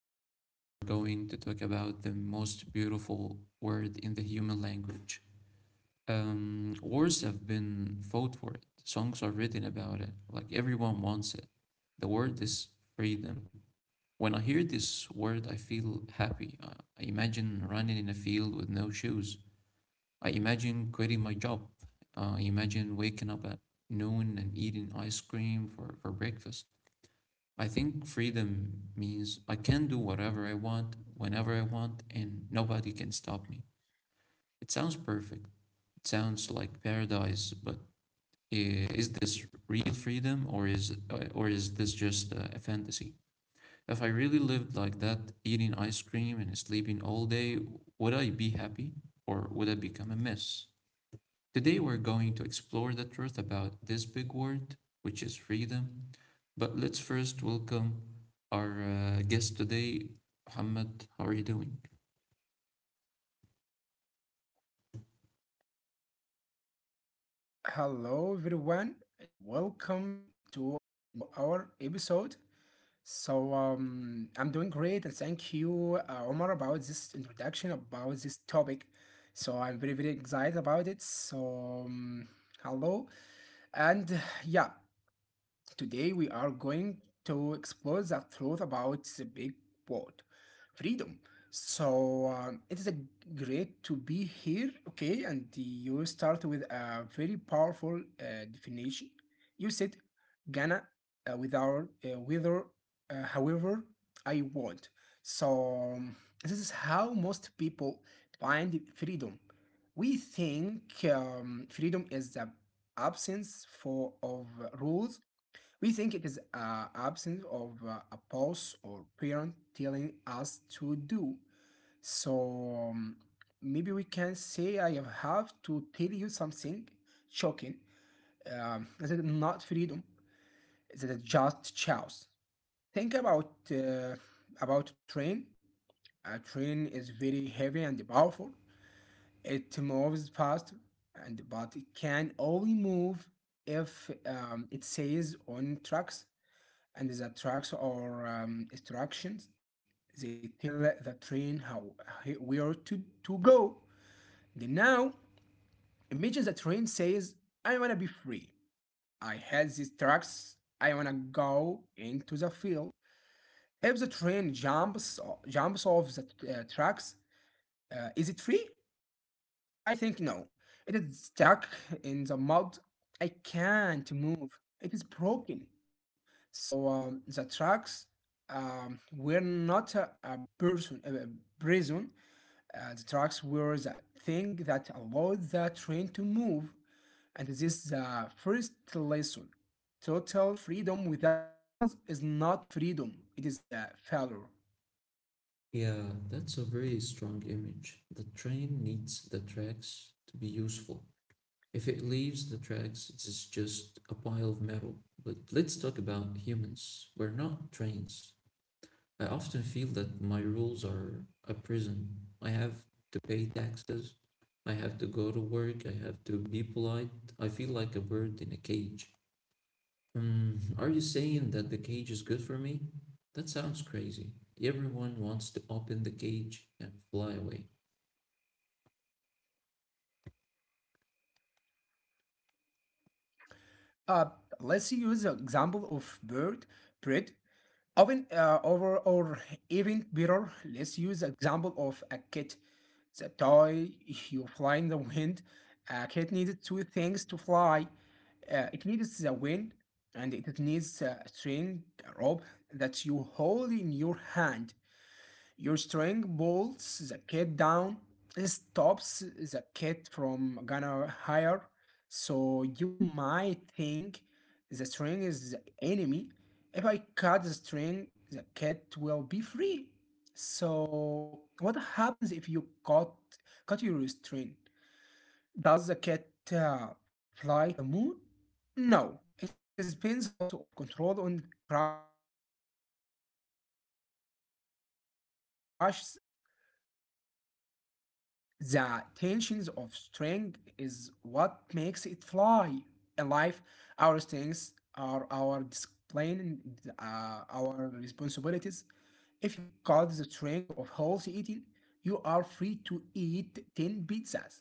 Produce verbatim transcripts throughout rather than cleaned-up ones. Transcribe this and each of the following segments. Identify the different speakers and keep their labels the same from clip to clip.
Speaker 1: Today, we are going to talk about the most beautiful word in the human language. Um, wars have been fought for it, songs are written about it, like everyone wants it. The word is freedom. When I hear this word, I feel happy. Uh, I imagine running in a field with no shoes. I imagine quitting my job. Uh, I imagine waking up at noon and eating ice cream for, for breakfast. I think freedom means I can do whatever I want, whenever I want, and nobody can stop me. It sounds perfect. It sounds like paradise, but i- is this real freedom or is uh, or is this just uh, a fantasy? If I really lived like that, eating ice cream and sleeping all day, would I be happy or would I become a mess? Today we're going to explore the truth about this big word, which is freedom. But let's first welcome our uh, guest today, Muhammad. How are you doing?
Speaker 2: Hello, everyone, and welcome to our episode. So, um, I'm doing great, and thank you, uh, Omar, about this introduction about this topic. So, I'm very, very excited about it. So, um, hello, and yeah, today we are going to explore the truth about the big word, freedom. So um, it is a great to be here, okay? And you start with a very powerful uh, definition. You said Ghana uh, without uh, whether uh, however I want. So um, this is how most people find freedom. We think um, freedom is the absence for of rules, we think it is an absence of uh, a pause or parent telling us to do. So um, maybe we can say I have to tell you something shocking. Um, that is not freedom. That is just chaos. Think about uh, about a train. A train is very heavy and powerful. It moves fast, and but it can only move if um, it stays on tracks, and the tracks or um, instructions. They tell the train how where to, to go. Then now, imagine the train says, "I wanna be free. I had these tracks. I wanna go into the field." If the train jumps uh, jumps off the uh, tracks, uh, is it free? I think no. It is stuck in the mud. I can't move. It is broken. So um, the trucks um, were not a, a person, a prison. Uh, the trucks were the thing that allowed the train to move. And this is the first lesson. Total freedom without rules is not freedom. It is a failure.
Speaker 1: Yeah, that's a very strong image. The train needs the tracks to be useful. If it leaves the tracks, it's just a pile of metal. But let's talk about humans. We're not trains. I often feel that my rules are a prison. I have to pay taxes. I have to go to work. I have to be polite. I feel like a bird in a cage. Um, are you saying that the cage is good for me? That sounds crazy. Everyone wants to open the cage and fly away.
Speaker 2: Uh, let's use the example of bird bread oven uh, over or even better, let's use the example of a cat, the toy you fly in the wind. A cat needed two things to fly. Uh, it needs the wind, and it needs a string, a rope that you hold in your hand. Your string pulls the cat down, and stops the cat from gonna higher. So you might think the string is the enemy. If I cut the string, the cat will be free. So what happens if you cut cut your string? Does the cat uh, fly to the moon? No, it spins out of control and crashes into the uh, the ground. The tensions of string is what makes it fly. In life, our strengths are our discipline, uh, our responsibilities. If you cut the string of healthy eating, you are free to eat ten pizzas.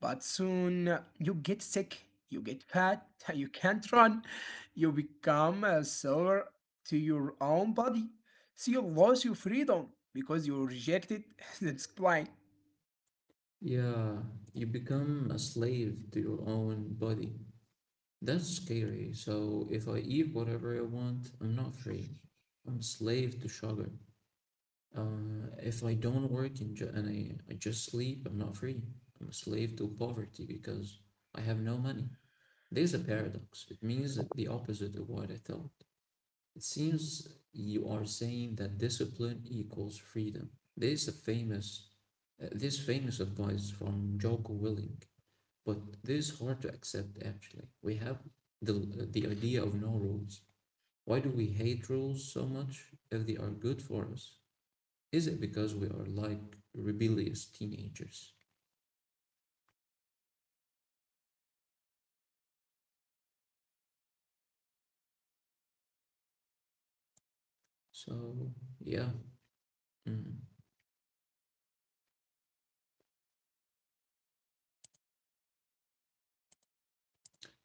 Speaker 2: But soon uh, you get sick, you get fat, you can't run, you become a server to your own body. So you lose your freedom because you rejected the discipline.
Speaker 1: Yeah, you become a slave to your own body. That's scary. So if I eat whatever I want, I'm not free. I'm a slave to sugar. Uh, if I don't work and, ju- and I, I just sleep, I'm not free. I'm a slave to poverty because I have no money. There's a paradox. It means the opposite of what I thought. It seems you are saying that discipline equals freedom. There's a famous, uh, this famous advice from Jocko Willing, but this is hard to accept actually. We have the, uh, the idea of no rules. Why do we hate rules so much if they are good for us? Is it because we are like rebellious teenagers? So, yeah. Mm.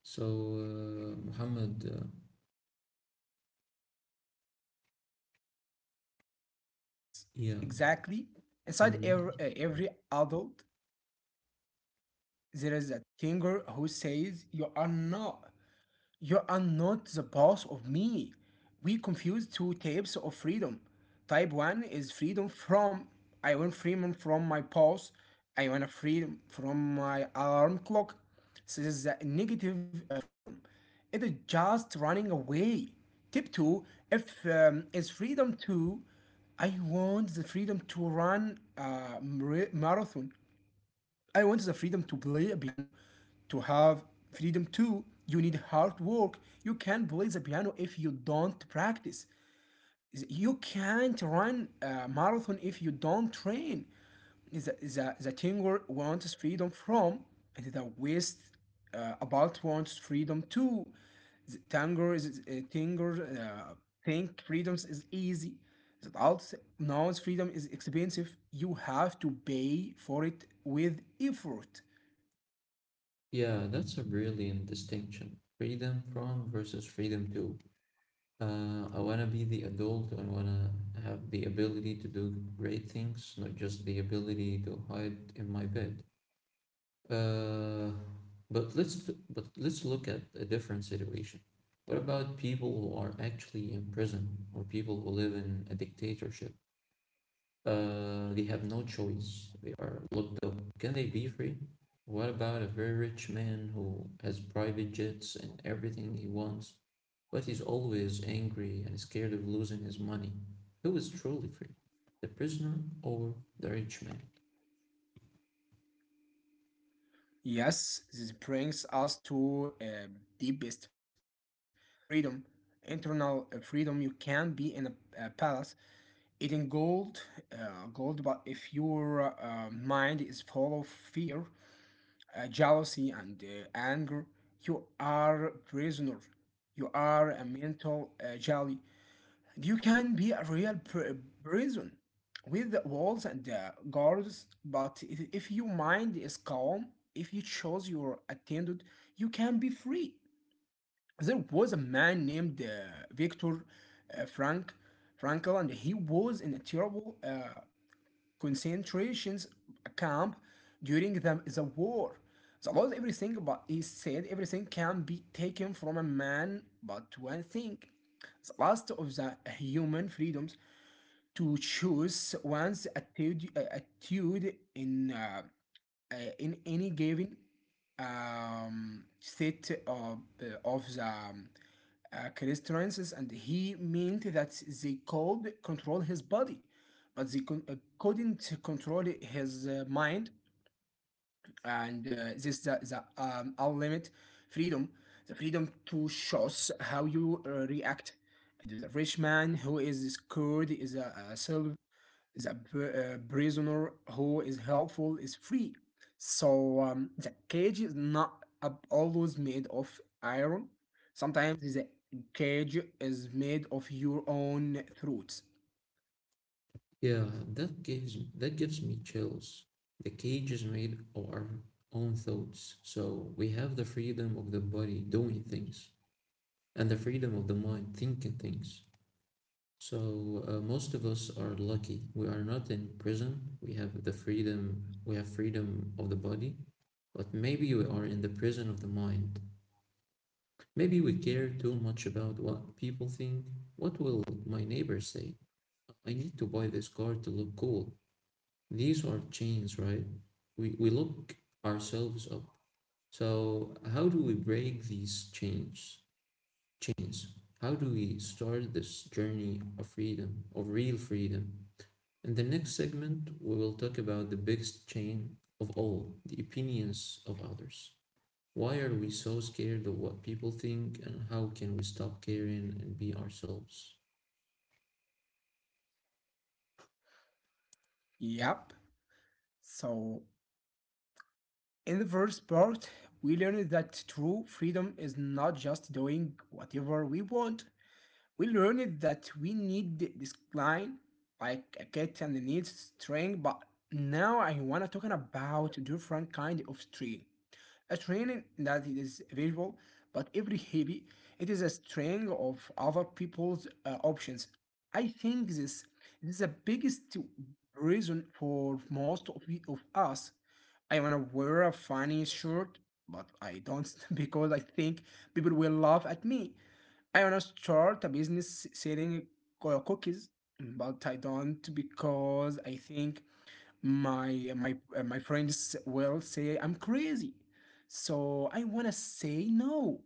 Speaker 1: So, uh, Muhammad, uh,
Speaker 2: Yes,
Speaker 1: yeah.
Speaker 2: exactly. Inside
Speaker 1: Mhm.
Speaker 2: every, every adult, there is a thinker who says you are not. You are not the boss of me. We confuse two types of freedom. Type one is freedom from. I want freedom from my boss. I want freedom from my alarm clock. This is a negative uh, freedom. It is just running away. Tip two, if um, is freedom to. I want the freedom to run a marathon. I want the freedom to play a piano. To have freedom too, you need hard work. You can't play the piano if you don't practice, you can't run a marathon if you don't train. The, the, the Tinger wants freedom from, and the West uh, about wants freedom too. The Tanger is uh, Tanger uh, think freedoms is easy. The adults knows freedom is expensive. You have to pay for it with effort.
Speaker 1: Yeah, that's a brilliant distinction. Freedom from versus freedom to. Uh, I want to be the adult. I want to have the ability to do great things, not just the ability to hide in my bed. Uh, but let's but let's look at a different situation. What about people who are actually in prison or people who live in a dictatorship? Uh, they have no choice. They are locked up. Can they be free? What about a very rich man who has private jets and everything he wants, but he's always angry and scared of losing his money? Who is truly free? The prisoner or the rich man?
Speaker 2: Yes, this brings us to a deepest level of freedom, internal uh, freedom. You can be in a, a palace eating gold, uh, gold, but if your uh, mind is full of fear, uh, jealousy, and uh, anger, you are prisoner. You are a mental uh, jelly. You can be a real pr- prison with walls and uh, guards, but if, if your mind is calm, if you choose your attendant, you can be free. There was a man named uh, Victor uh, Frank Frankl, and he was in a terrible uh, concentration camp during the, the war. The lost everything, but he said everything can be taken from a man, but one thing, the last of the human freedoms, to choose one's attitude, uh, attitude in uh, uh, in any given um, state of uh, of the um, uh, constraints, and he meant that they could control his body, but they con- uh, couldn't control his uh, mind. And uh, this is the, the um, unlimited freedom, the freedom to choose how you uh, react. The rich man who is scared is a, a self, the pr- uh, prisoner who is helpful is free. So um, the cage is not ab- always made of iron. Sometimes the cage is made of your own thoughts.
Speaker 1: Yeah, that gives that gives me chills. The cage is made of our own thoughts, so we have the freedom of the body doing things and the freedom of the mind thinking things. So uh, most of us are lucky. We are not in prison. We have the freedom. We have freedom of the body, but maybe we are in the prison of the mind. Maybe we care too much about what people think. What will my neighbor say? I need to buy this car to look cool. These are chains, right? We, we look ourselves up. So how do we break these chains? Chains. How do we start this journey of freedom, of real freedom? In the next segment, we will talk about the biggest chain of all, the opinions of others. Why are we so scared of what people think and how can we stop caring and be ourselves?
Speaker 2: Yep. So in the first part, we learned that true freedom is not just doing whatever we want. We learned that we need this line like a kitten needs string, but now I wanna talking about different kind of string. A training that it is visual, but every hobby, it is a string of other people's uh, options. I think this, this is the biggest reason for most of, we- of us. I wanna wear a funny shirt, but I don't because I think people will laugh at me. I wanna start a business selling co- cookies, but I don't because I think my my uh, my friends will say I'm crazy. So I wanna say no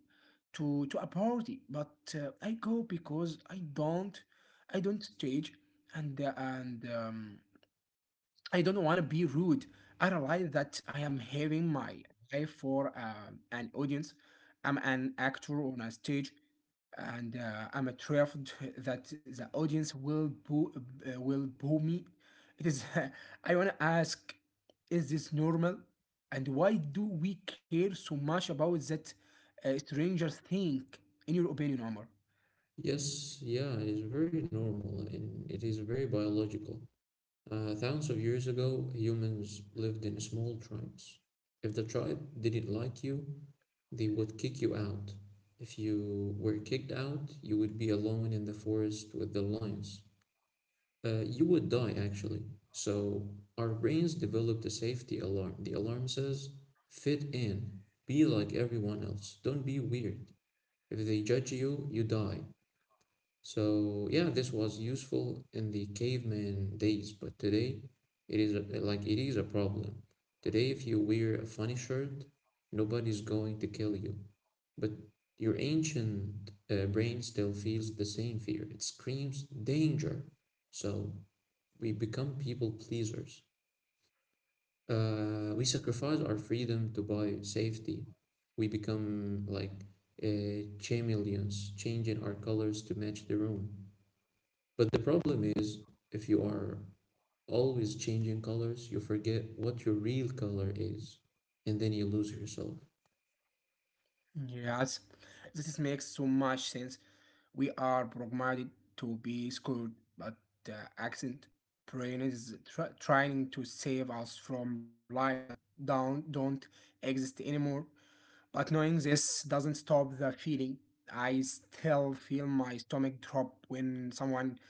Speaker 2: to to a party, but uh, I go because I don't I don't stage and uh, and um, I don't want to be rude. I realize that I am having my eye for um, an audience. I'm an actor on a stage, and uh, I'm a traveled that the audience will boo, uh, will boo me. It is. I want to ask, is this normal? And why do we care so much about that uh, stranger thing? In your opinion, Omar?
Speaker 1: Yes, yeah, it is very normal and it is very biological. Uh, thousands of years ago, humans lived in small tribes. If the tribe didn't like you, they would kick you out. If you were kicked out, you would be alone in the forest with the lions. Uh, you would die, actually. So, our brains developed a safety alarm. The alarm says, fit in, be like everyone else, don't be weird. If they judge you, you die. So yeah, this was useful in the caveman days, but today it is a, like it is a problem. Today, if you wear a funny shirt, nobody's going to kill you. But your ancient uh, brain still feels the same fear. It screams danger. So we become people pleasers. Uh, we sacrifice our freedom to buy safety. We become like uh, chameleons, changing our colors to match the room. But the problem is, if you are always changing colors, you forget what your real color is, and then you lose yourself.
Speaker 2: Yes, this makes so much sense. We are programmed to be screwed, but the accent brain is try- trying to save us from lines that don't, don't exist anymore. But knowing this doesn't stop the feeling. I still feel my stomach drop when someone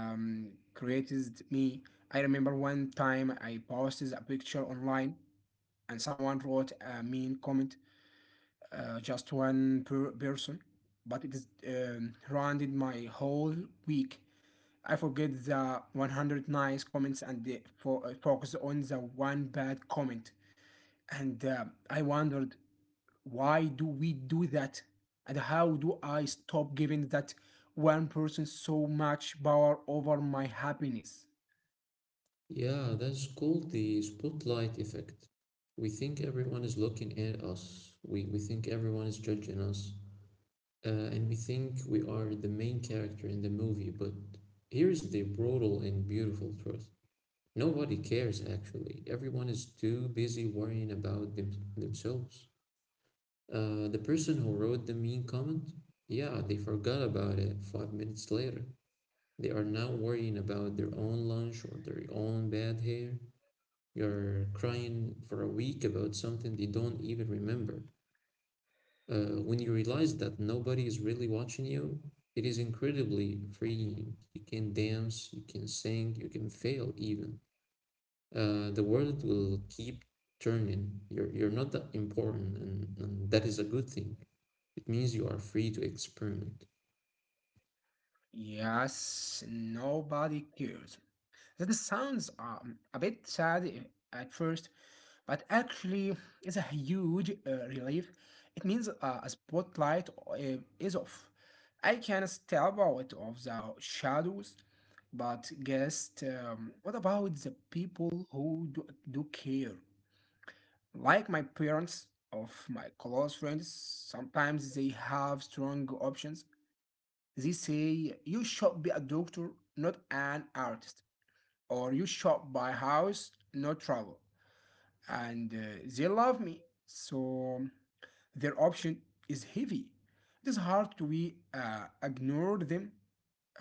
Speaker 2: um, created me. I remember one time I posted a picture online and someone wrote a mean comment, uh, just one per person, but it is um, rounded my whole week. I forget the hundred nice comments and the fo- uh, focus on the one bad comment. And uh, I wondered why do we do that, and how do I stop giving that one person so much power over my happiness?
Speaker 1: Yeah, that's called the spotlight effect. We think everyone is looking at us, we, we think everyone is judging us, uh, and we think we are the main character in the movie. But here's the brutal and beautiful truth nobody cares actually, everyone is too busy worrying about them- themselves. Uh, the person who wrote the mean comment, yeah, they forgot about it five minutes later. They are now worrying about their own lunch or their own bad hair. You're crying for a week about something they don't even remember. Uh, when you realize that nobody is really watching you, it is incredibly freeing. You can dance, you can sing, you can fail even. Uh, the world will keep turning. You're, you're not that important, and, and that is a good thing. It means you are free to experiment.
Speaker 2: Yes, nobody cares. That sounds um, a bit sad, eh, at first, but actually, it's a huge uh, relief. It means uh, a spotlight uh, is off. I can step out of the shadows, but guess um, what about the people who do, do care? Like my parents, of my close friends, sometimes they have strong options. They say you should be a doctor, not an artist, or you shop by house, no trouble. And uh, they love me. So their option is heavy. It is hard to be, uh, ignore them.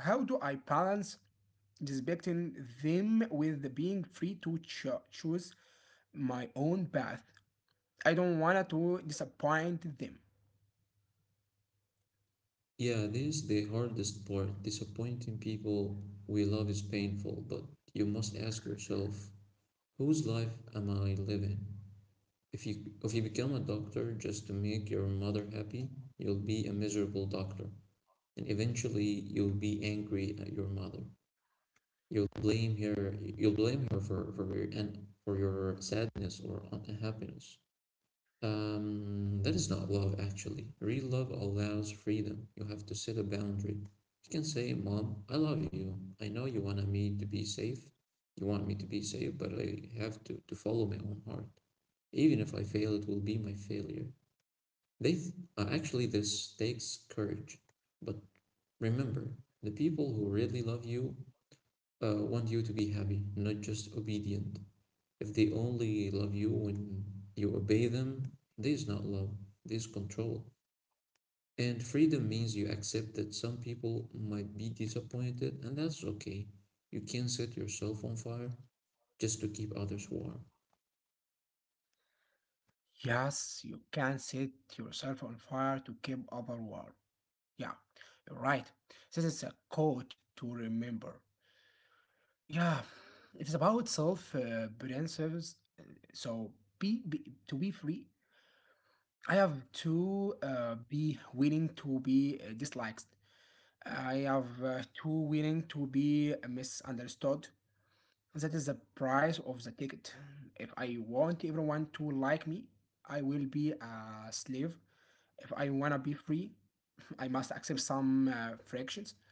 Speaker 2: How do I balance respecting them with being free to cho- choose my own path? I don't want to disappoint them.
Speaker 1: Yeah, this is the hardest part. Disappointing people we love is painful, but you must ask yourself, whose life am I living? If you if you become a doctor just to make your mother happy, you'll be a miserable doctor, and eventually you'll be angry at your mother. You'll blame her. You'll blame her for for your and for your sadness or unhappiness. Um, that is not love, actually. Real love allows freedom. You have to set a boundary. You can say, Mom, I love you. I know you want me to be safe. You want me to be safe, but I have to, to follow my own heart. Even if I fail, it will be my failure. They th- uh, actually, this takes courage. But remember, the people who really love you uh, want you to be happy, not just obedient. If they only love you when you obey them, this is not love, this is control. And freedom means you accept that some people might be disappointed, and that's okay. You can't set yourself on fire just to keep others warm.
Speaker 2: Yes, you can set yourself on fire to keep other warm. Yeah, you're right. This is a quote to remember. Yeah, it is about self uh, brand service. uh, So be, be to be free. I have to uh, be willing to be uh, disliked. I have uh, to willing to be misunderstood. That is the price of the ticket. If I want everyone to like me, I will be a slave. If I wanna be free, I must accept some uh, fractions.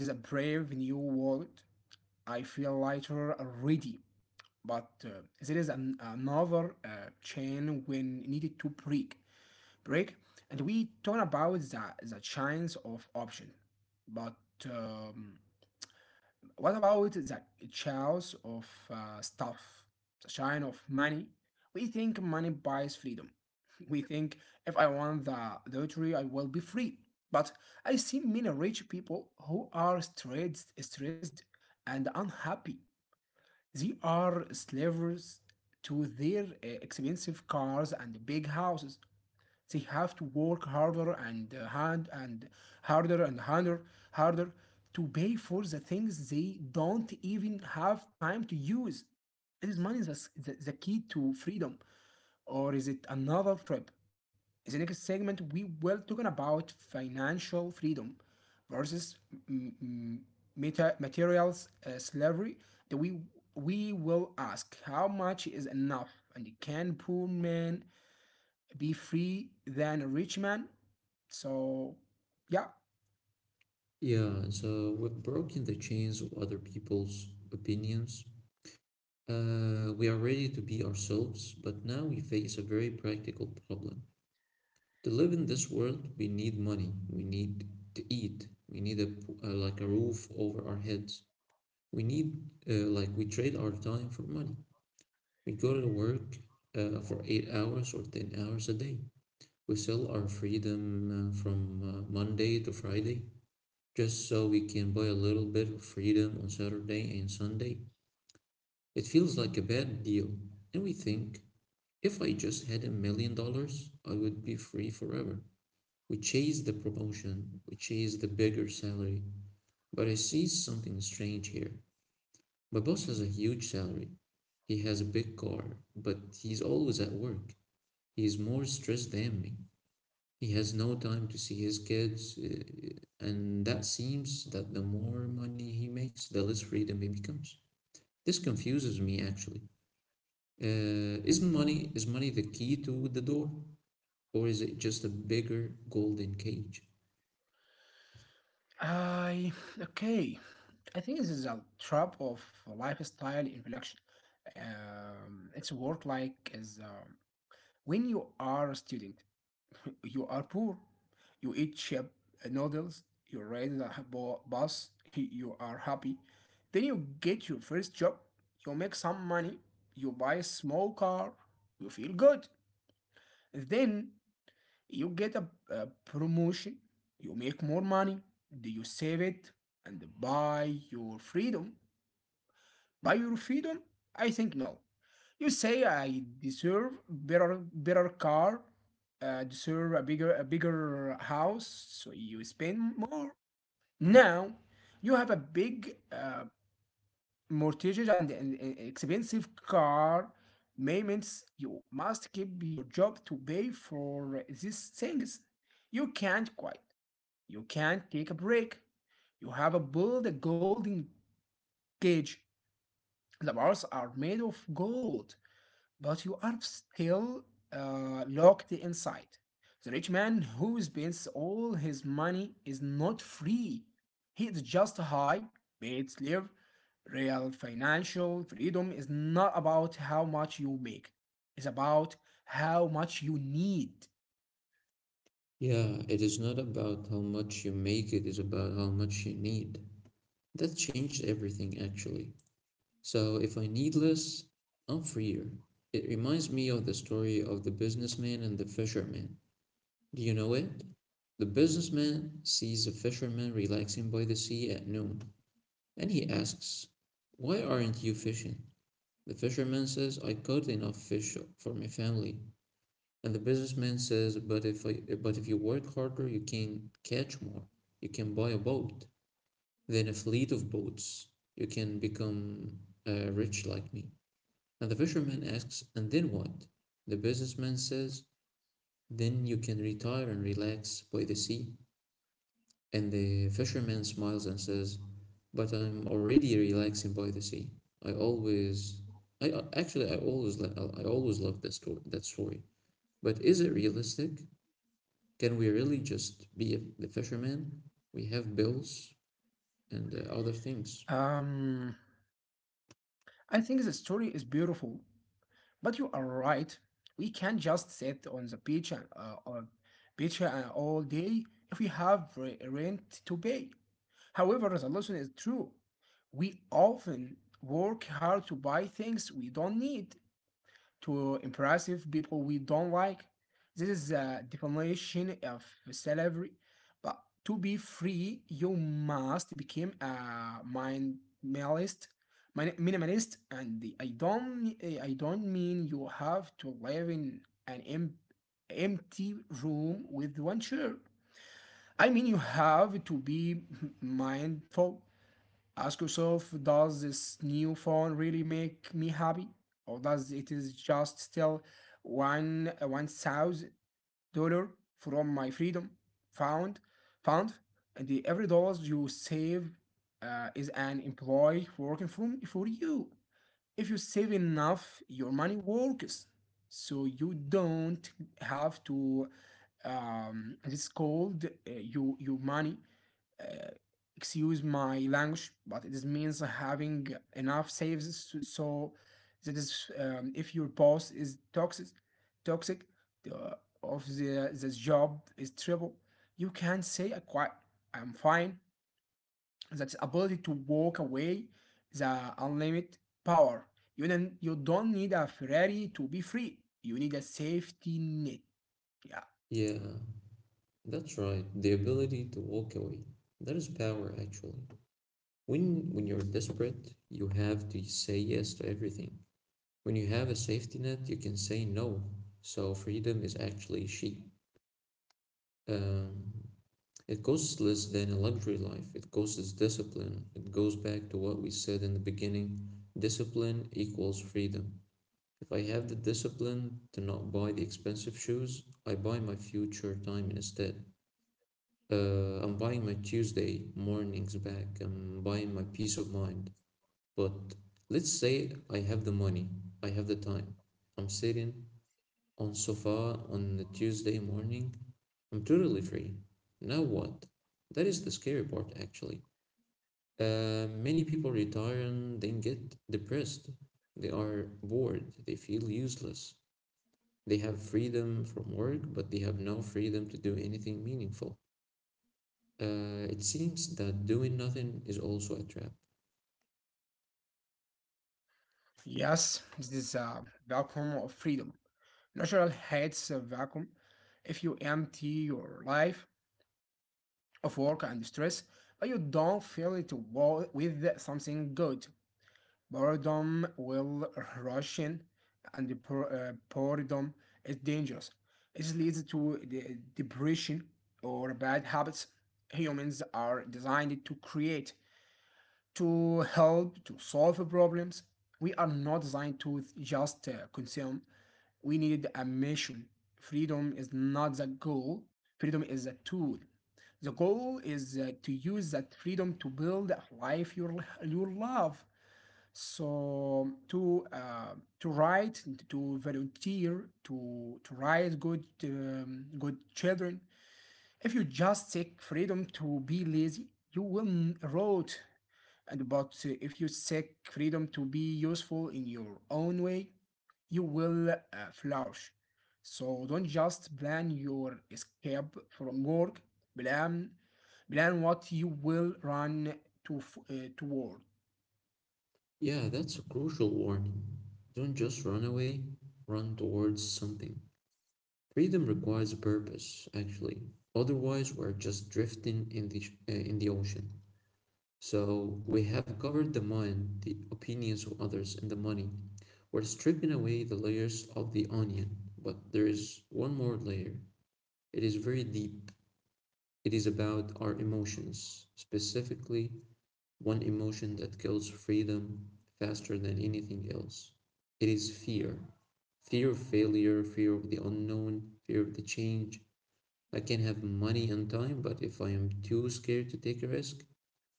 Speaker 2: It is a brave new world. I feel lighter already. but uh, there is an, another uh, chain when needed to break break, and we talk about the, the chains of option, but um, what about the chains of uh, stuff, the chain of money? We think money buys freedom. We think if I want the lottery I will be free, but I see many rich people who are stressed stressed and unhappy. They are slavers to their uh, expensive cars and big houses. They have to work harder and uh, hand and harder and harder harder to pay for the things they don't even have time to use. Is money the, the, the key to freedom, or is it another trap? In the next segment we will talking about financial freedom versus mm, mm, meta- materials uh, slavery that we we will ask how much is enough and can poor man be free than a rich man so yeah
Speaker 1: Yeah, so we've broken the chains of other people's opinions. Uh, we are ready to be ourselves, but now we face a very practical problem. To live in this world we need money, we need to eat, we need a uh, like a roof over our heads, we need uh, like we trade our time for money. We go to work uh, for eight hours or ten hours a day. We sell our freedom uh, from uh, monday to friday just so we can buy a little bit of freedom on saturday and sunday. It feels like a bad deal, and we think if I just had a million dollars I would be free forever. We chase the promotion, we chase the bigger salary. But I see something strange here. My boss has a huge salary. He has a big car, but he's always at work. He is more stressed than me. He has no time to see his kids, uh, and that seems that the more money he makes, the less freedom he becomes. This confuses me actually. Uh, is money is money the key to the door, or is it just a bigger golden cage?
Speaker 2: I okay, I think this is a trap of lifestyle inflection. Um, it's work like as um, when you are a student, you are poor. You eat cheap noodles. You ride in a bus. You are happy. Then you get your first job. You make some money. You buy a small car. You feel good. Then you get a, a promotion. You make more money. Do you save it and buy your freedom? By your freedom? I think no. You say I deserve better better car, uh, deserve a bigger a bigger house, so you spend more. Now you have a big uh, mortgage and an an expensive car payments. You must keep your job to pay for these things. You can't quit. You can't take a break. You have a build a golden cage. The bars are made of gold, but you are still uh, locked inside. The rich man who spends all his money is not free. He is just a high paid slave. Real financial freedom is not about how much you make, it's about how much you need.
Speaker 1: Yeah, it is not about how much you make, it is about how much you need. That changed everything, actually. So if I need less, I'm freer. It reminds me of the story of the businessman and the fisherman. Do you know it? The businessman sees a fisherman relaxing by the sea at noon, and he asks, why aren't you fishing? The fisherman says, I caught enough fish for my family. And the businessman says, but if I, but if you work harder, you can catch more. You can buy a boat, then a fleet of boats. You can become uh, rich like me. And the fisherman asks, and then what? The businessman says, then you can retire and relax by the sea. And the fisherman smiles and says, but I'm already relaxing by the sea. I always, I uh, actually, I always, li- I always love that story. That story. But is it realistic? Can we really just be the fisherman? We have bills and uh, other things.
Speaker 2: Um, I think the story is beautiful, but you are right. We can't just sit on the beach and uh, on beach uh, all day if we have re- rent to pay. However, the lesson is true. We often work hard to buy things we don't need to impress people we don't like. This is a definition of slavery. But to be free, you must become a minimalist. min- Minimalist, and I don't, I don't mean you have to live in an em- empty room with one chair. I mean, you have to be mindful. Ask yourself, does this new phone really make me happy? Or does it is just still one one thousand dollar from my freedom found found and the every dollar you save uh, is an employee working from for you. If you save enough, your money works, so you don't have to. Um, it's called uh, you your money uh, excuse my language, but it is means having enough saves s- so that is um, if your boss is toxic, toxic the of the this job is terrible, you can say I quite I'm fine. That ability to walk away, the unlimited power. You don't you don't need a Ferrari to be free. You need a safety net. Yeah.
Speaker 1: Yeah, that's right. The ability to walk away. That is power, actually. When, when you're desperate, you have to say yes to everything. When you have a safety net, you can say no. So freedom is actually cheap. Um, it costs less than a luxury life. It costs discipline. It goes back to what we said in the beginning. Discipline equals freedom. If I have the discipline to not buy the expensive shoes, I buy my future time instead. Uh, I'm buying my Tuesday mornings back. I'm buying my peace of mind. But let's say I have the money, I have the time. I'm sitting on sofa on the Tuesday morning. I'm totally free. Now what? That is the scary part, actually. Uh, many people retire and then get depressed. They are bored. They feel useless. They have freedom from work, but they have no freedom to do anything meaningful. Uh, it seems that doing nothing is also a trap.
Speaker 2: Yes, this is a welcome of freedom. Natural hates a vacuum. If you empty your life of work and stress, but you don't fill it with something good, boredom will rush in, and uh, boredom is dangerous. It leads to depression or bad habits. Humans are designed to create, to help to solve problems. We are not designed to just uh, consume. We need a mission. Freedom is not the goal. Freedom is a tool. The goal is uh, to use that freedom to build a life you you love. So to uh, to write, to volunteer, to to raise good um, good children. If you just take freedom to be lazy, you will rot. And but uh, if you take freedom to be useful in your own way, you will uh, flourish. So don't just plan your escape from work. Plan, plan what you will run to f- uh, toward.
Speaker 1: Yeah, that's a crucial warning. Don't just run away, run towards something. Freedom requires a purpose, actually. Otherwise, we're just drifting in the, sh- uh, in the ocean. So, we have covered the mind, the opinions of others, and the money. We're stripping away the layers of the onion, but there is one more layer. It is very deep. It is about our emotions, specifically one emotion that kills freedom faster than anything else. It is fear, fear of failure, fear of the unknown, fear of the change. I can have money and time, but if I am too scared to take a risk,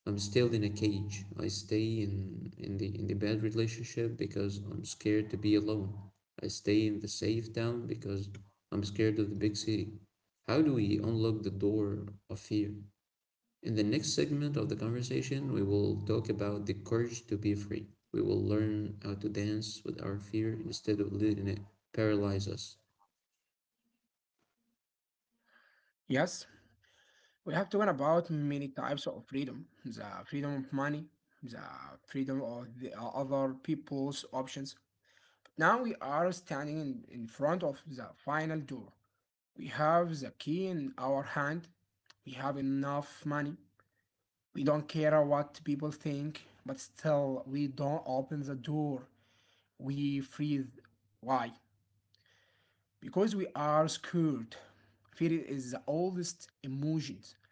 Speaker 1: I'm still in a cage. I stay in, in the in the bad relationship because I'm scared to be alone. I stay in the safe town because I'm scared of the big city. How do we unlock the door of fear? In the next segment of the conversation, we will talk about the courage to be free. We will learn how to dance with our fear instead of letting it paralyze us.
Speaker 2: Yes, we have talked about many types of freedom: the freedom of money, the freedom of the uh, other people's options. Now we are standing in, in front of the final door. We have the key in our hand. We have enough money. We don't care what people think, but still, we don't open the door. We freeze. Why? Because we are scared. Fear is the oldest emotions.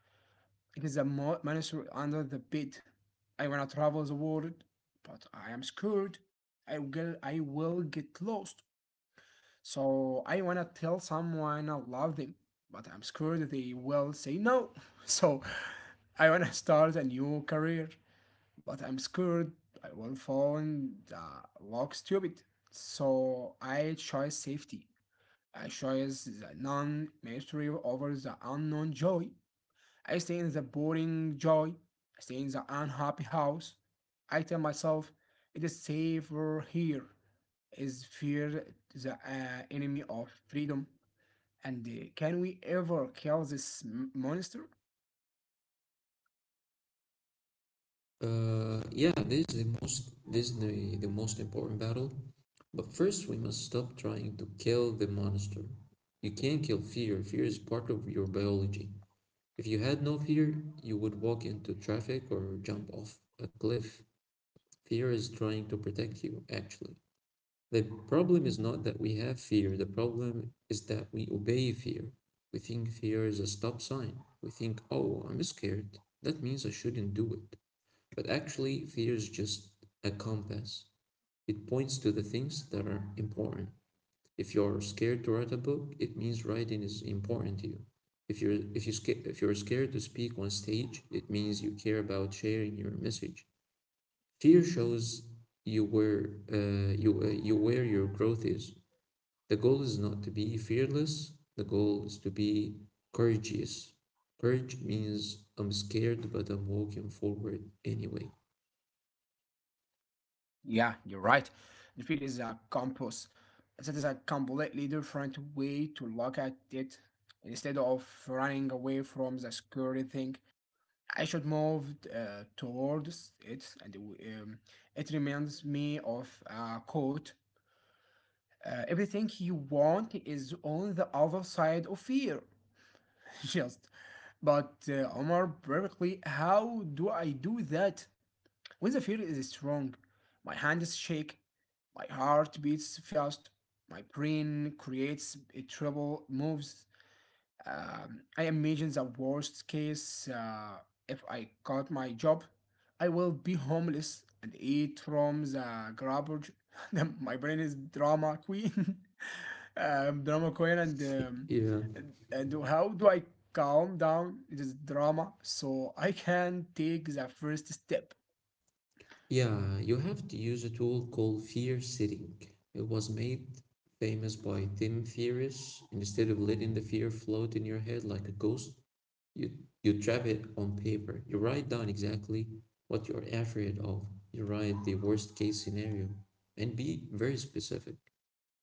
Speaker 2: It is a monster under the bed. I wanna travel the world, but I am scared. I will, I will get lost. So I wanna tell someone I love them, but I'm scared they will say no. So I wanna start a new career, but I'm scared I will find uh, look stupid. So I choose safety. I choose the non mystery over the unknown joy. I stay in the boring joy. I stay in the unhappy house. I tell myself it is safer here. Is fear the uh, enemy of freedom? And uh, can we ever kill this m- monster?
Speaker 1: Uh, yeah, this is the most this is the, the most important battle. But first, we must stop trying to kill the monster. You can't kill fear. Fear is part of your biology. If you had no fear, you would walk into traffic or jump off a cliff. Fear is trying to protect you, actually. The problem is not that we have fear, the problem is that we obey fear. We think fear is a stop sign. We think, oh, I'm scared. That means I shouldn't do it. But actually, fear is just a compass. It points to the things that are important. If you're scared to write a book, it means writing is important to you. If you're if you sca- if you're scared to speak on stage, it means you care about sharing your message. Fear shows you where uh, you uh, you where your growth is. The goal is not to be fearless, the goal is to be courageous. Courage means I'm scared, but I'm walking forward anyway.
Speaker 2: Yeah, you're right. The fear is a compass. That is a completely different way to look at it. Instead of running away from the scary thing, I should move uh, towards it, and um, it reminds me of a quote uh, Everything you want is on the other side of fear. Just, but uh, Omar, perfectly, how do I do that? When the fear is strong, my hands shake, my heart beats fast, my brain creates a trouble moves. um, I imagine the worst case uh, if I got my job, I will be homeless and eat from the garbage. Then my brain is drama queen, um, drama queen, and, um,
Speaker 1: Yeah.
Speaker 2: and and how do I calm down this drama so I can take the first step?
Speaker 1: Yeah, you have to use a tool called fear sitting. It was made famous by Tim Ferriss. Instead of letting the fear float in your head like a ghost, you you trap it on paper. You write down exactly what you're afraid of. You write the worst case scenario and be very specific.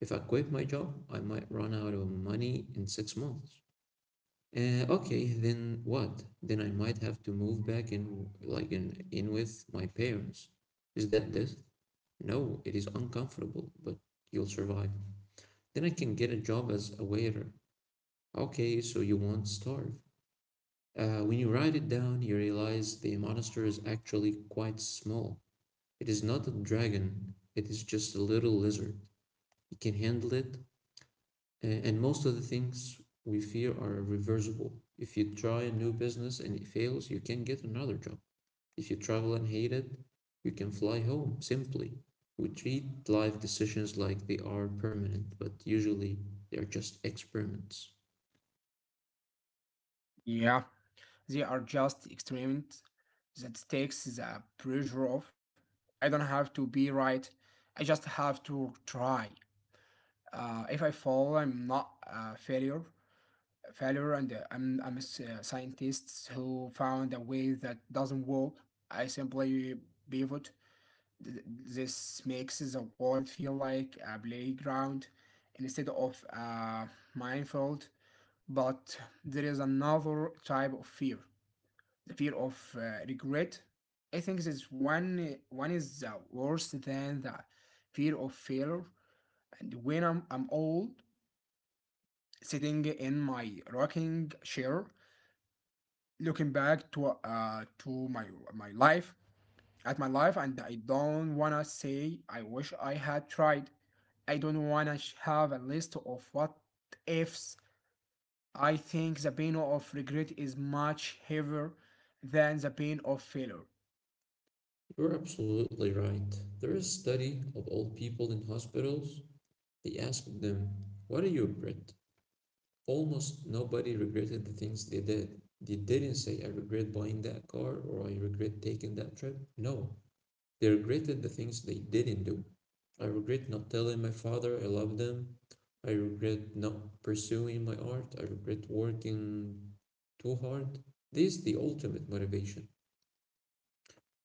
Speaker 1: If I quit my job, I might run out of money in six months. Uh, okay, then what? Then I might have to move back in, like in, in with my parents. Is that this? No, it is uncomfortable, but you'll survive. Then I can get a job as a waiter. Okay, so you won't starve. Uh, when you write it down, you realize the monster is actually quite small. It is not a dragon, it is just a little lizard. You can handle it. A- And most of the things we fear are reversible. If you try a new business and it fails, you can get another job. If you travel and hate it, you can fly home simply. We treat life decisions like they are permanent, but usually they are just experiments.
Speaker 2: Yeah, they are just experiments that takes the pressure off. I don't have to be right. I just have to try. Uh, if I fall, I'm not a failure. Failure, and uh, I'm I'm a s- uh, scientist who found a way that doesn't work. I simply pivot. Th- This makes the world feel like a playground instead of a minefield. But there is another type of fear, the fear of uh, regret. I think this one one is uh, worse than the fear of failure. And when I'm, I'm old, sitting in my rocking chair, looking back to uh, to my my life at my life, and I don't wanna say I wish I had tried. I don't wanna have a list of what ifs. I think the pain of regret is much heavier than the pain of failure.
Speaker 1: You're absolutely right. There is a study of old people in hospitals. They asked them, what are you, Brit? Almost nobody regretted the things they did. They didn't say, I regret buying that car or I regret taking that trip. No, they regretted the things they didn't do. I regret not telling my father I love them. I regret not pursuing my art. I regret working too hard. This is the ultimate motivation.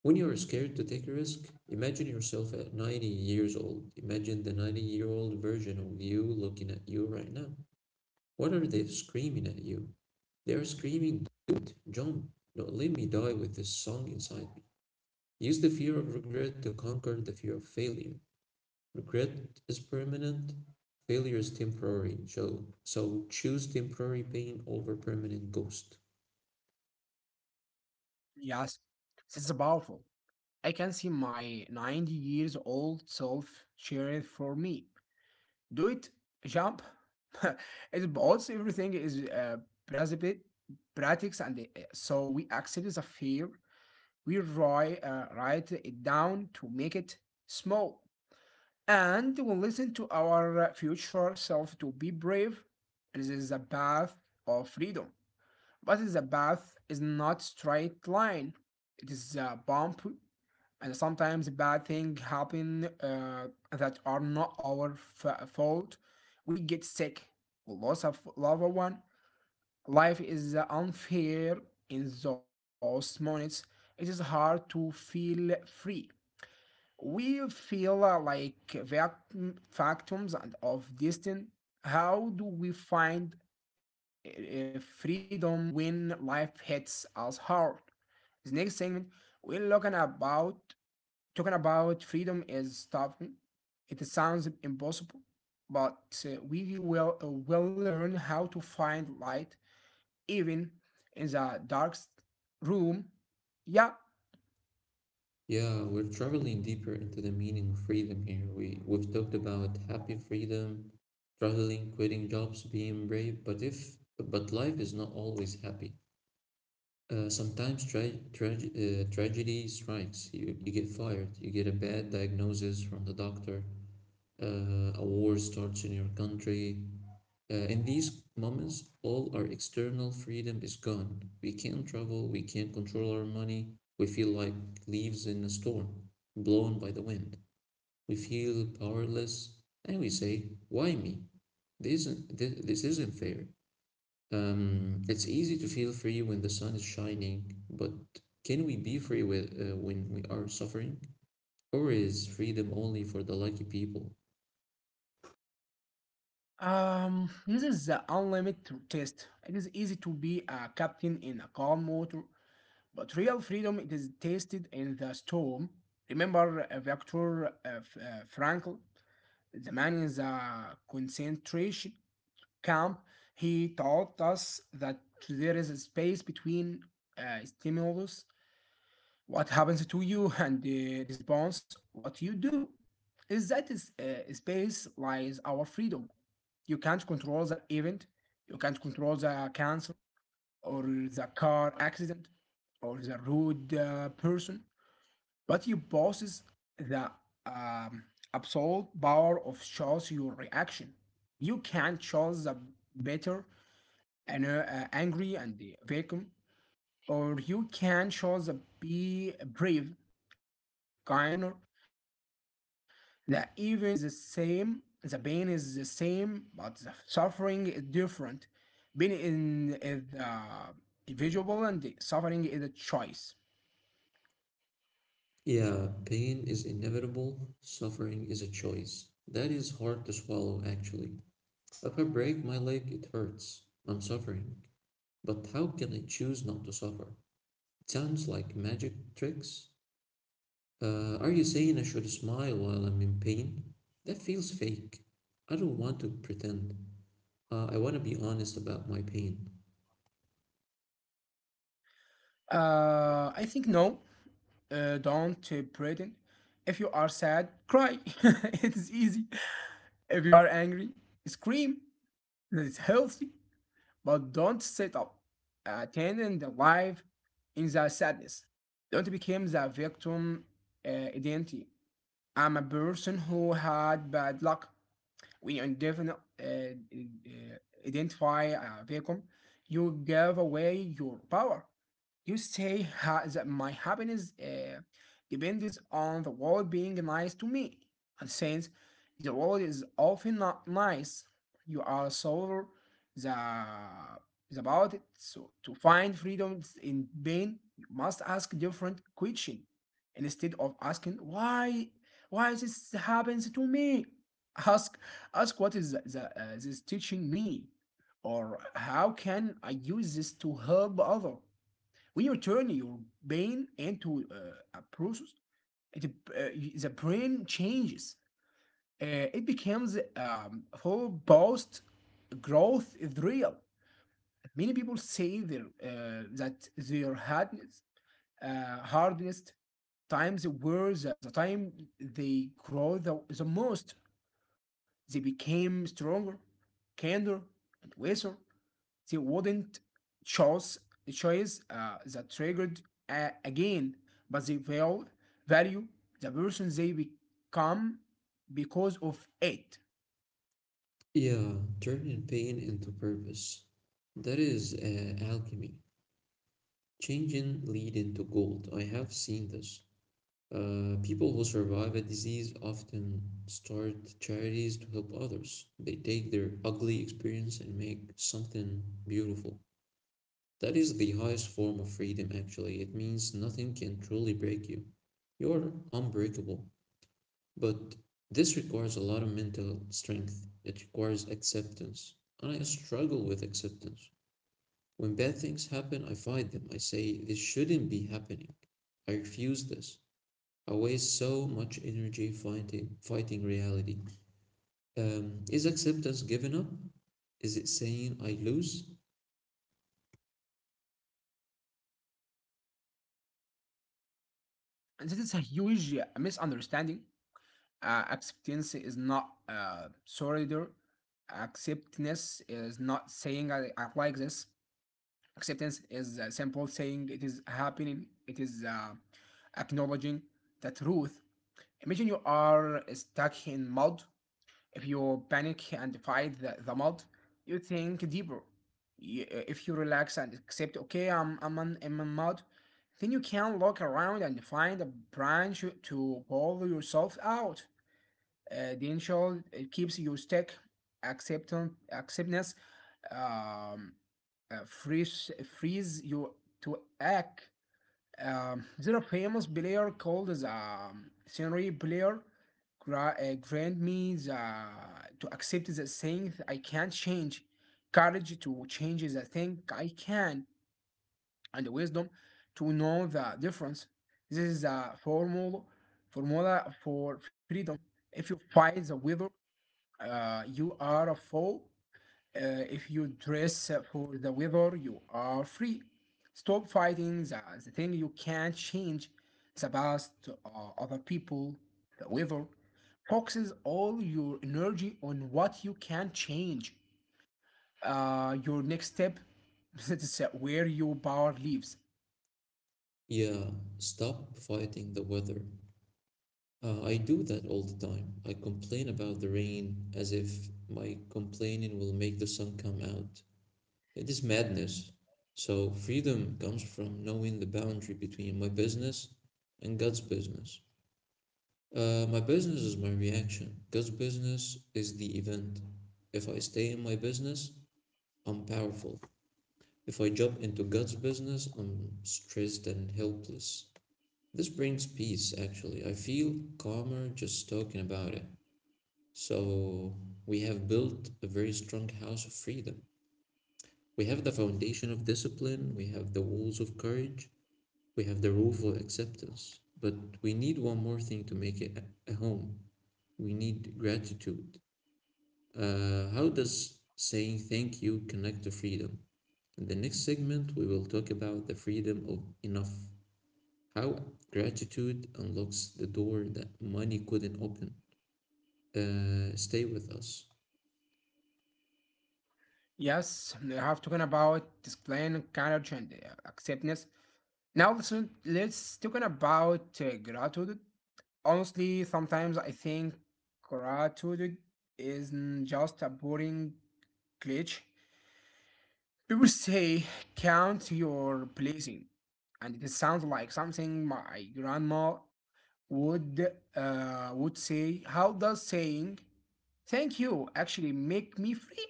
Speaker 1: When you are scared to take a risk, imagine yourself at ninety years old. Imagine the ninety year old version of you looking at you right now. What are they screaming at you? They are screaming, dude, John, don't let me die with this song inside me. Use the fear of regret to conquer the fear of failure. Regret is permanent, failure is temporary. So, so choose temporary pain over permanent ghost.
Speaker 2: Yes, this is powerful. I can see my ninety years old self cheering for me. Do it, jump. It also everything is uh, precipi- practice, and uh, so we accept the fear. We write uh, write it down to make it small, and we we'll listen to our future self to be brave. This is a path of freedom, but the path is not straight line. It is a bump and sometimes bad things happen uh, that are not our fault. We get sick, we lose a f- loved one. Life is uh, unfair in those moments. It is hard to feel free. We feel uh, like victims and of destiny. How do we find uh, freedom when life hits us hard? The next segment, we're looking about talking about freedom is tough. It sounds impossible, but uh, we will uh, will learn how to find light even in the darkest room. Yeah.
Speaker 1: Yeah, we're traveling deeper into the meaning of freedom here. We we've talked about happy freedom, traveling, quitting jobs, being brave, but if but life is not always happy. Uh, sometimes tra- trage- uh, tragedy strikes. You, you get fired, you get a bad diagnosis from the doctor, uh, a war starts in your country. Uh, in these moments, all our external freedom is gone. We can't travel, we can't control our money, we feel like leaves in a storm, blown by the wind. We feel powerless, and we say, why me? This isn't, this, this isn't fair. Um, it's easy to feel free when the sun is shining, but can we be free with, uh, when we are suffering? Or is freedom only for the lucky people?
Speaker 2: Um, this is the unlimited test. It is easy to be a captain in a calm water, but real freedom it is tested in the storm. Remember uh, Viktor uh, F- uh, Frankl, the man in the concentration camp, he taught us that there is a space between uh, stimulus, what happens to you, and the response, what you do. Is that is, uh, space lies our freedom. You can't control the event, you can't control the cancer or the car accident or the rude uh, person, but you possess the um, absolute power of choose your reaction. You can not choose the better an, uh, angry and the vacuum, or you can choose a be brave, kind, and a learner. The event is the same, the pain is the same, but the suffering is different. Pain in, is uh, individual, and the suffering is a choice.
Speaker 1: Yeah, pain is inevitable, suffering is a choice. That is hard to swallow, actually. If I break my leg, it hurts. I'm suffering. But how can I choose not to suffer? It sounds like magic tricks. Uh, are you saying I should smile while I'm in pain? That feels fake. I don't want to pretend. Uh, I want to be honest about my pain.
Speaker 2: Uh, I think no. Uh, don't uh, pretend. If you are sad, cry. It is easy. If you are angry, scream. It's healthy. But don't settle attending the life in the sadness. Don't become the victim uh, identity. I'm a person who had bad luck when you indefin- uh, uh, identify a vacuum, you give away your power. You say ha- that my happiness uh, depends on the world being nice to me. And since the world is often not nice, you are sober the, about it. So to find freedom in pain, you must ask different questions. Instead of asking why why this happens to me ask Ask what is the, the, uh, this teaching me, or how can I use this to help other. When you turn your brain into uh, a process, it, uh, the brain changes. Uh, it becomes um, full post growth is real. Many people say their, uh, that their hardness, uh, hardest times were the, the time they grow the, the most. They became stronger, kinder, and wiser. They wouldn't choose a choice uh, that triggered a- again, but they will value the person they become because of it.
Speaker 1: Yeah, turning pain into purpose. That is uh, alchemy. Changing lead into gold. I have seen this. Uh, people who survive a disease often start charities to help others. They take their ugly experience and make something beautiful. That is the highest form of freedom, actually. It means nothing can truly break you. You're unbreakable. But this requires a lot of mental strength. It requires acceptance. And I struggle with acceptance. When bad things happen, I fight them. I say, this shouldn't be happening. I refuse this. I waste so much energy fighting, fighting reality. Um, is acceptance giving up? Is it saying I lose?
Speaker 2: And that is a huge uh, misunderstanding. Uh, acceptance is not uh, solidarity. Acceptance is not saying I, I like this. Acceptance is uh, simple saying it is happening, it is uh, acknowledging the truth. Imagine you are stuck in mud. If you panic and fight the, the mud, you think deeper. Y- uh, If you relax and accept, okay, I'm, I'm, in, I'm in mud, then you can look around and find a branch to pull yourself out. Uh, the initial it keeps your stack acceptance acceptance. um, uh, Freeze freeze you to act. Um, there are famous player called the um, scenery player. Gra- uh, grant me the to accept the thing I can't change, courage to change the thing I can, and the wisdom to know the difference. This is a formula formula for freedom. If you fight the weather, uh, you are a fool. Uh, if you dress for the weather, you are free. Stop fighting the, the thing you can't change, the past, uh, other people, the weather. Focuses all your energy on what you can change. Uh, your next step, that's where your power lives.
Speaker 1: Yeah, stop fighting the weather. Uh, I do that all the time. I complain about the rain as if my complaining will make the sun come out. It is madness. So freedom comes from knowing the boundary between my business and God's business. Uh, my business is my reaction. God's business is the event. If I stay in my business, I'm powerful. If I jump into God's business, I'm stressed and helpless. This brings peace, actually. I feel calmer just talking about it. So, we have built a very strong house of freedom. We have the foundation of discipline, we have the walls of courage, we have the roof of acceptance. But we need one more thing to make it a- home. We need gratitude. Uh, how does saying thank you connect to freedom? In the next segment, we will talk about the freedom of enough. How gratitude unlocks the door that money couldn't open. Uh, stay with us.
Speaker 2: Yes, we have talking about displaying courage and uh, acceptance. Now listen, let's talking about uh, gratitude. Honestly, sometimes I think gratitude isn't just a boring glitch. People say count your blessing, and it sounds like something my grandma would uh, would say. How does saying thank you actually make me free?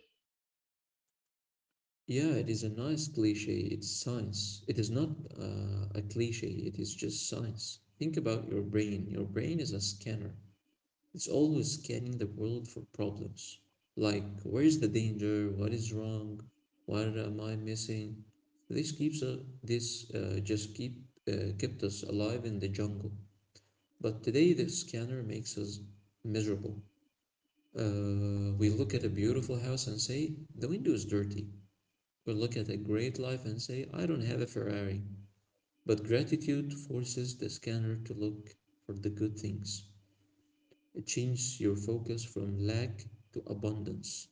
Speaker 1: Yeah, it is a nice cliche. It's science. It is not uh, a cliche, it is just science. Think about your brain. Your brain is a scanner, it's always scanning the world for problems. Like, where is the danger? What is wrong? What am I missing? This keeps us, this uh, just keep uh, kept us alive in the jungle. But today, the scanner makes us miserable. Uh, we look at a beautiful house and say, the window is dirty. We look at a great life and say, I don't have a Ferrari. But gratitude forces the scanner to look for the good things. It changes your focus from lack to abundance.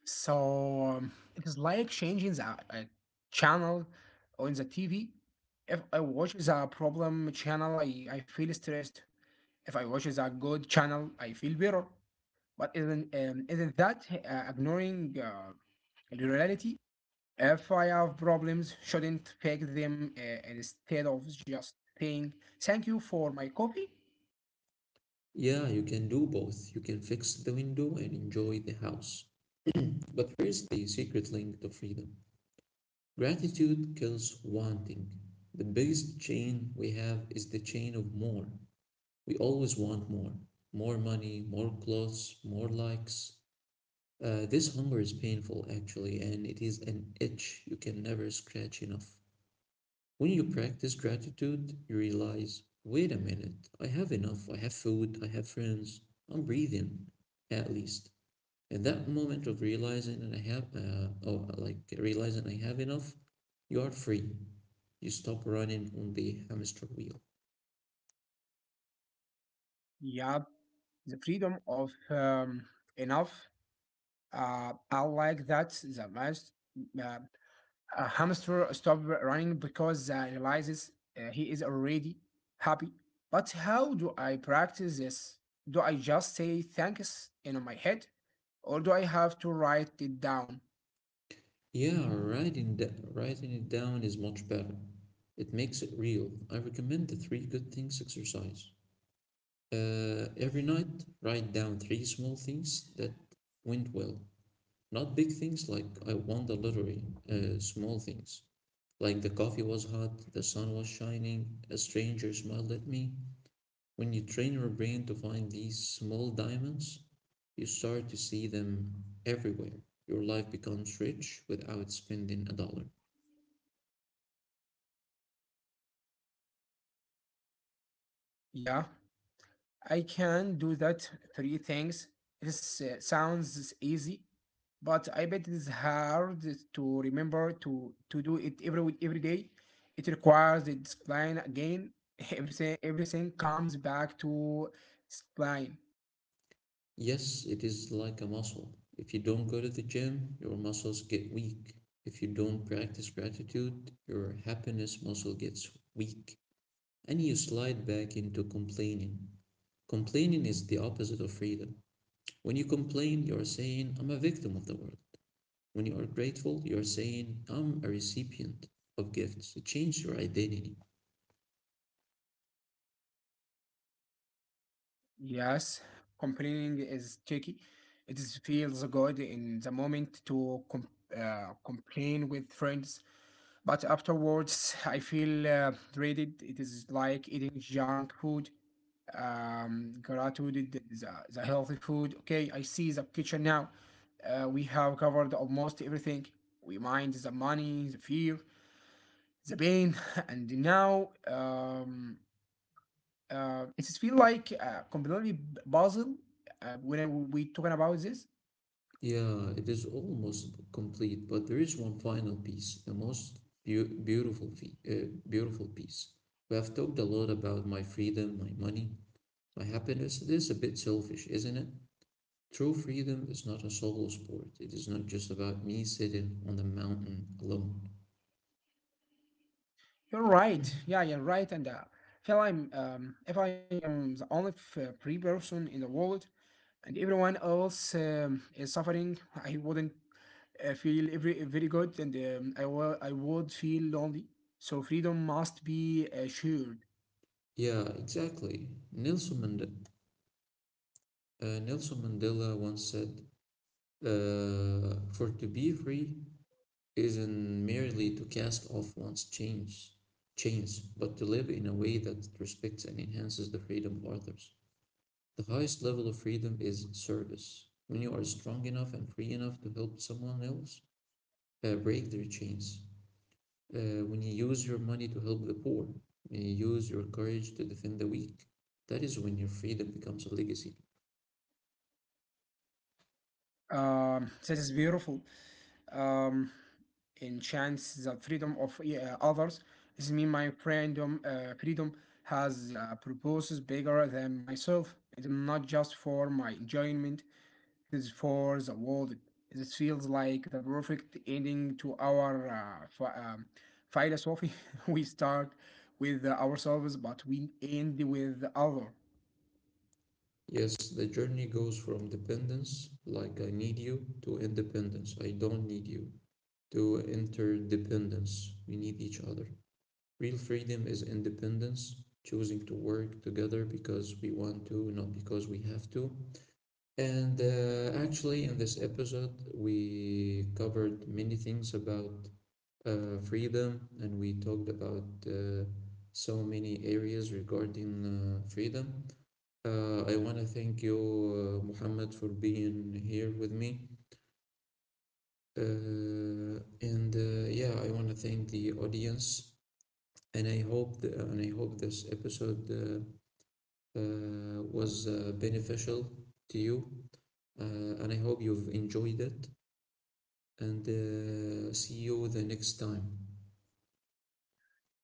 Speaker 2: So um, it is like changing the uh, channel on the T V. If I watch the problem channel, I, I feel stressed. If I watch the good channel, I feel better. But isn't um, isn't that uh, ignoring uh, the reality? If I have problems, shouldn't fix them uh, instead of just saying thank you for my coffee.
Speaker 1: Yeah, you can do both. You can fix the window and enjoy the house. But here's the secret link to freedom, gratitude kills wanting. The biggest chain we have is the chain of more. We always want more more money, more clothes, more likes. Uh, this hunger is painful, actually, and it is an itch you can never scratch enough. When you practice gratitude, you realize wait a minute, I have enough, I have food, I have friends, I'm breathing, at least. And that moment of realizing that I have, uh, oh, like realizing I have enough, you are free. You stop running on the hamster wheel.
Speaker 2: Yeah, the freedom of um, enough. Uh, I like that the most. uh, a hamster stops running because uh, realizes uh, he is already happy. But how do I practice this? Do I just say thanks in my head, or do I have to write it down?
Speaker 1: Yeah, writing, da- writing it down is much better. It makes it real. I recommend the three good things exercise. Uh, every night, write down three small things that went well. Not big things like I won the lottery, uh, small things. Like the coffee was hot, the sun was shining, a stranger smiled at me. When you train your brain to find these small diamonds, you start to see them everywhere. Your life becomes rich without spending a dollar.
Speaker 2: Yeah. I can do that three things. This uh, sounds easy, but I bet it is hard to remember to to do it every every day. It requires the discipline again. Everything everything comes back to discipline.
Speaker 1: Yes, it is like a muscle. If you don't go to the gym, your muscles get weak. If you don't practice gratitude, your happiness muscle gets weak and you slide back into complaining. Complaining is the opposite of freedom. When you complain, you're saying, I'm a victim of the world. When you are grateful, you're saying, I'm a recipient of gifts. It changes your identity.
Speaker 2: Yes, complaining is tricky. It is, feels good in the moment to com- uh, complain with friends, but afterwards I feel uh, dreaded. It is like eating junk food. Um, gratitude, the, the healthy food. Okay, I see the kitchen now. Uh, we have covered almost everything. We mind the money, the fear, the pain, and now um, uh, it feels like a completely puzzle uh, when we talking about this.
Speaker 1: Yeah, it is almost complete, but there is one final piece, the most beau- beautiful fee- uh, beautiful piece. We have talked a lot about my freedom, my money, my happiness. It is a bit selfish, isn't it? True freedom is not a solo sport. It is not just about me sitting on the mountain alone.
Speaker 2: You're right. Yeah, you're right. And uh, if I'm um, if I am the only f- uh, free person in the world, and everyone else um, is suffering, I wouldn't uh, feel every, very good, and um, I will I would feel lonely. So freedom must be uh, shared.
Speaker 1: Yeah, exactly. Nelson Mandela, uh, Nelson Mandela once said, uh, "For to be free, isn't merely to cast off one's chains, chains, but to live in a way that respects and enhances the freedom of others." The highest level of freedom is service. When you are strong enough and free enough to help someone else uh, break their chains. Uh, when you use your money to help the poor, when you use your courage to defend the weak, that is when your freedom becomes a legacy.
Speaker 2: Um, that is beautiful. um, Enchants the freedom of e- uh, others. This means my freedom, uh, freedom has uh, purposes bigger than myself. It's not just for my enjoyment, it is for the world. This feels like the perfect ending to our uh, ph- um, philosophy. We start with ourselves, but we end with the other.
Speaker 1: Yes, the journey goes from dependence, like I need you, to independence, I don't need you, to interdependence. We need each other. Real freedom is independence, choosing to work together because we want to, not because we have to. And uh, Actually, in this episode, we covered many things about uh, freedom and we talked about uh, so many areas regarding uh, freedom. Uh, I want to thank you, uh, Muhammad, for being here with me. Uh, and uh, Yeah, I want to thank the audience and I hope the, and I hope this episode uh, uh, was uh, beneficial to you, uh, and I hope you've enjoyed it. And uh, See you the next time.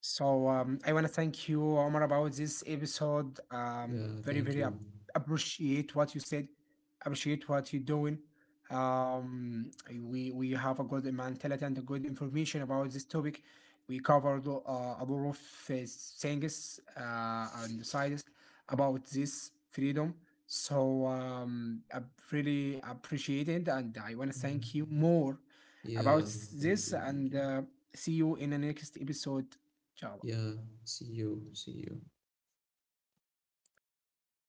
Speaker 2: So um, I want to thank you, Omar, about this episode. Um,
Speaker 1: Yeah,
Speaker 2: very,
Speaker 1: thank
Speaker 2: very
Speaker 1: you.
Speaker 2: ap- appreciate what you said. Appreciate what you're doing. Um, we we have a good mentality and a good information about this topic. We covered uh, a lot of uh, things uh, and sides about this freedom. So um, I really appreciate it, and I want to thank you
Speaker 1: Mm-hmm.
Speaker 2: more about
Speaker 1: Yeah, thank
Speaker 2: this
Speaker 1: you, thank
Speaker 2: and.
Speaker 1: you.
Speaker 2: Uh, see you in the next episode. ان شاء الله
Speaker 1: Yeah, see you, see you.
Speaker 2: اوكي انت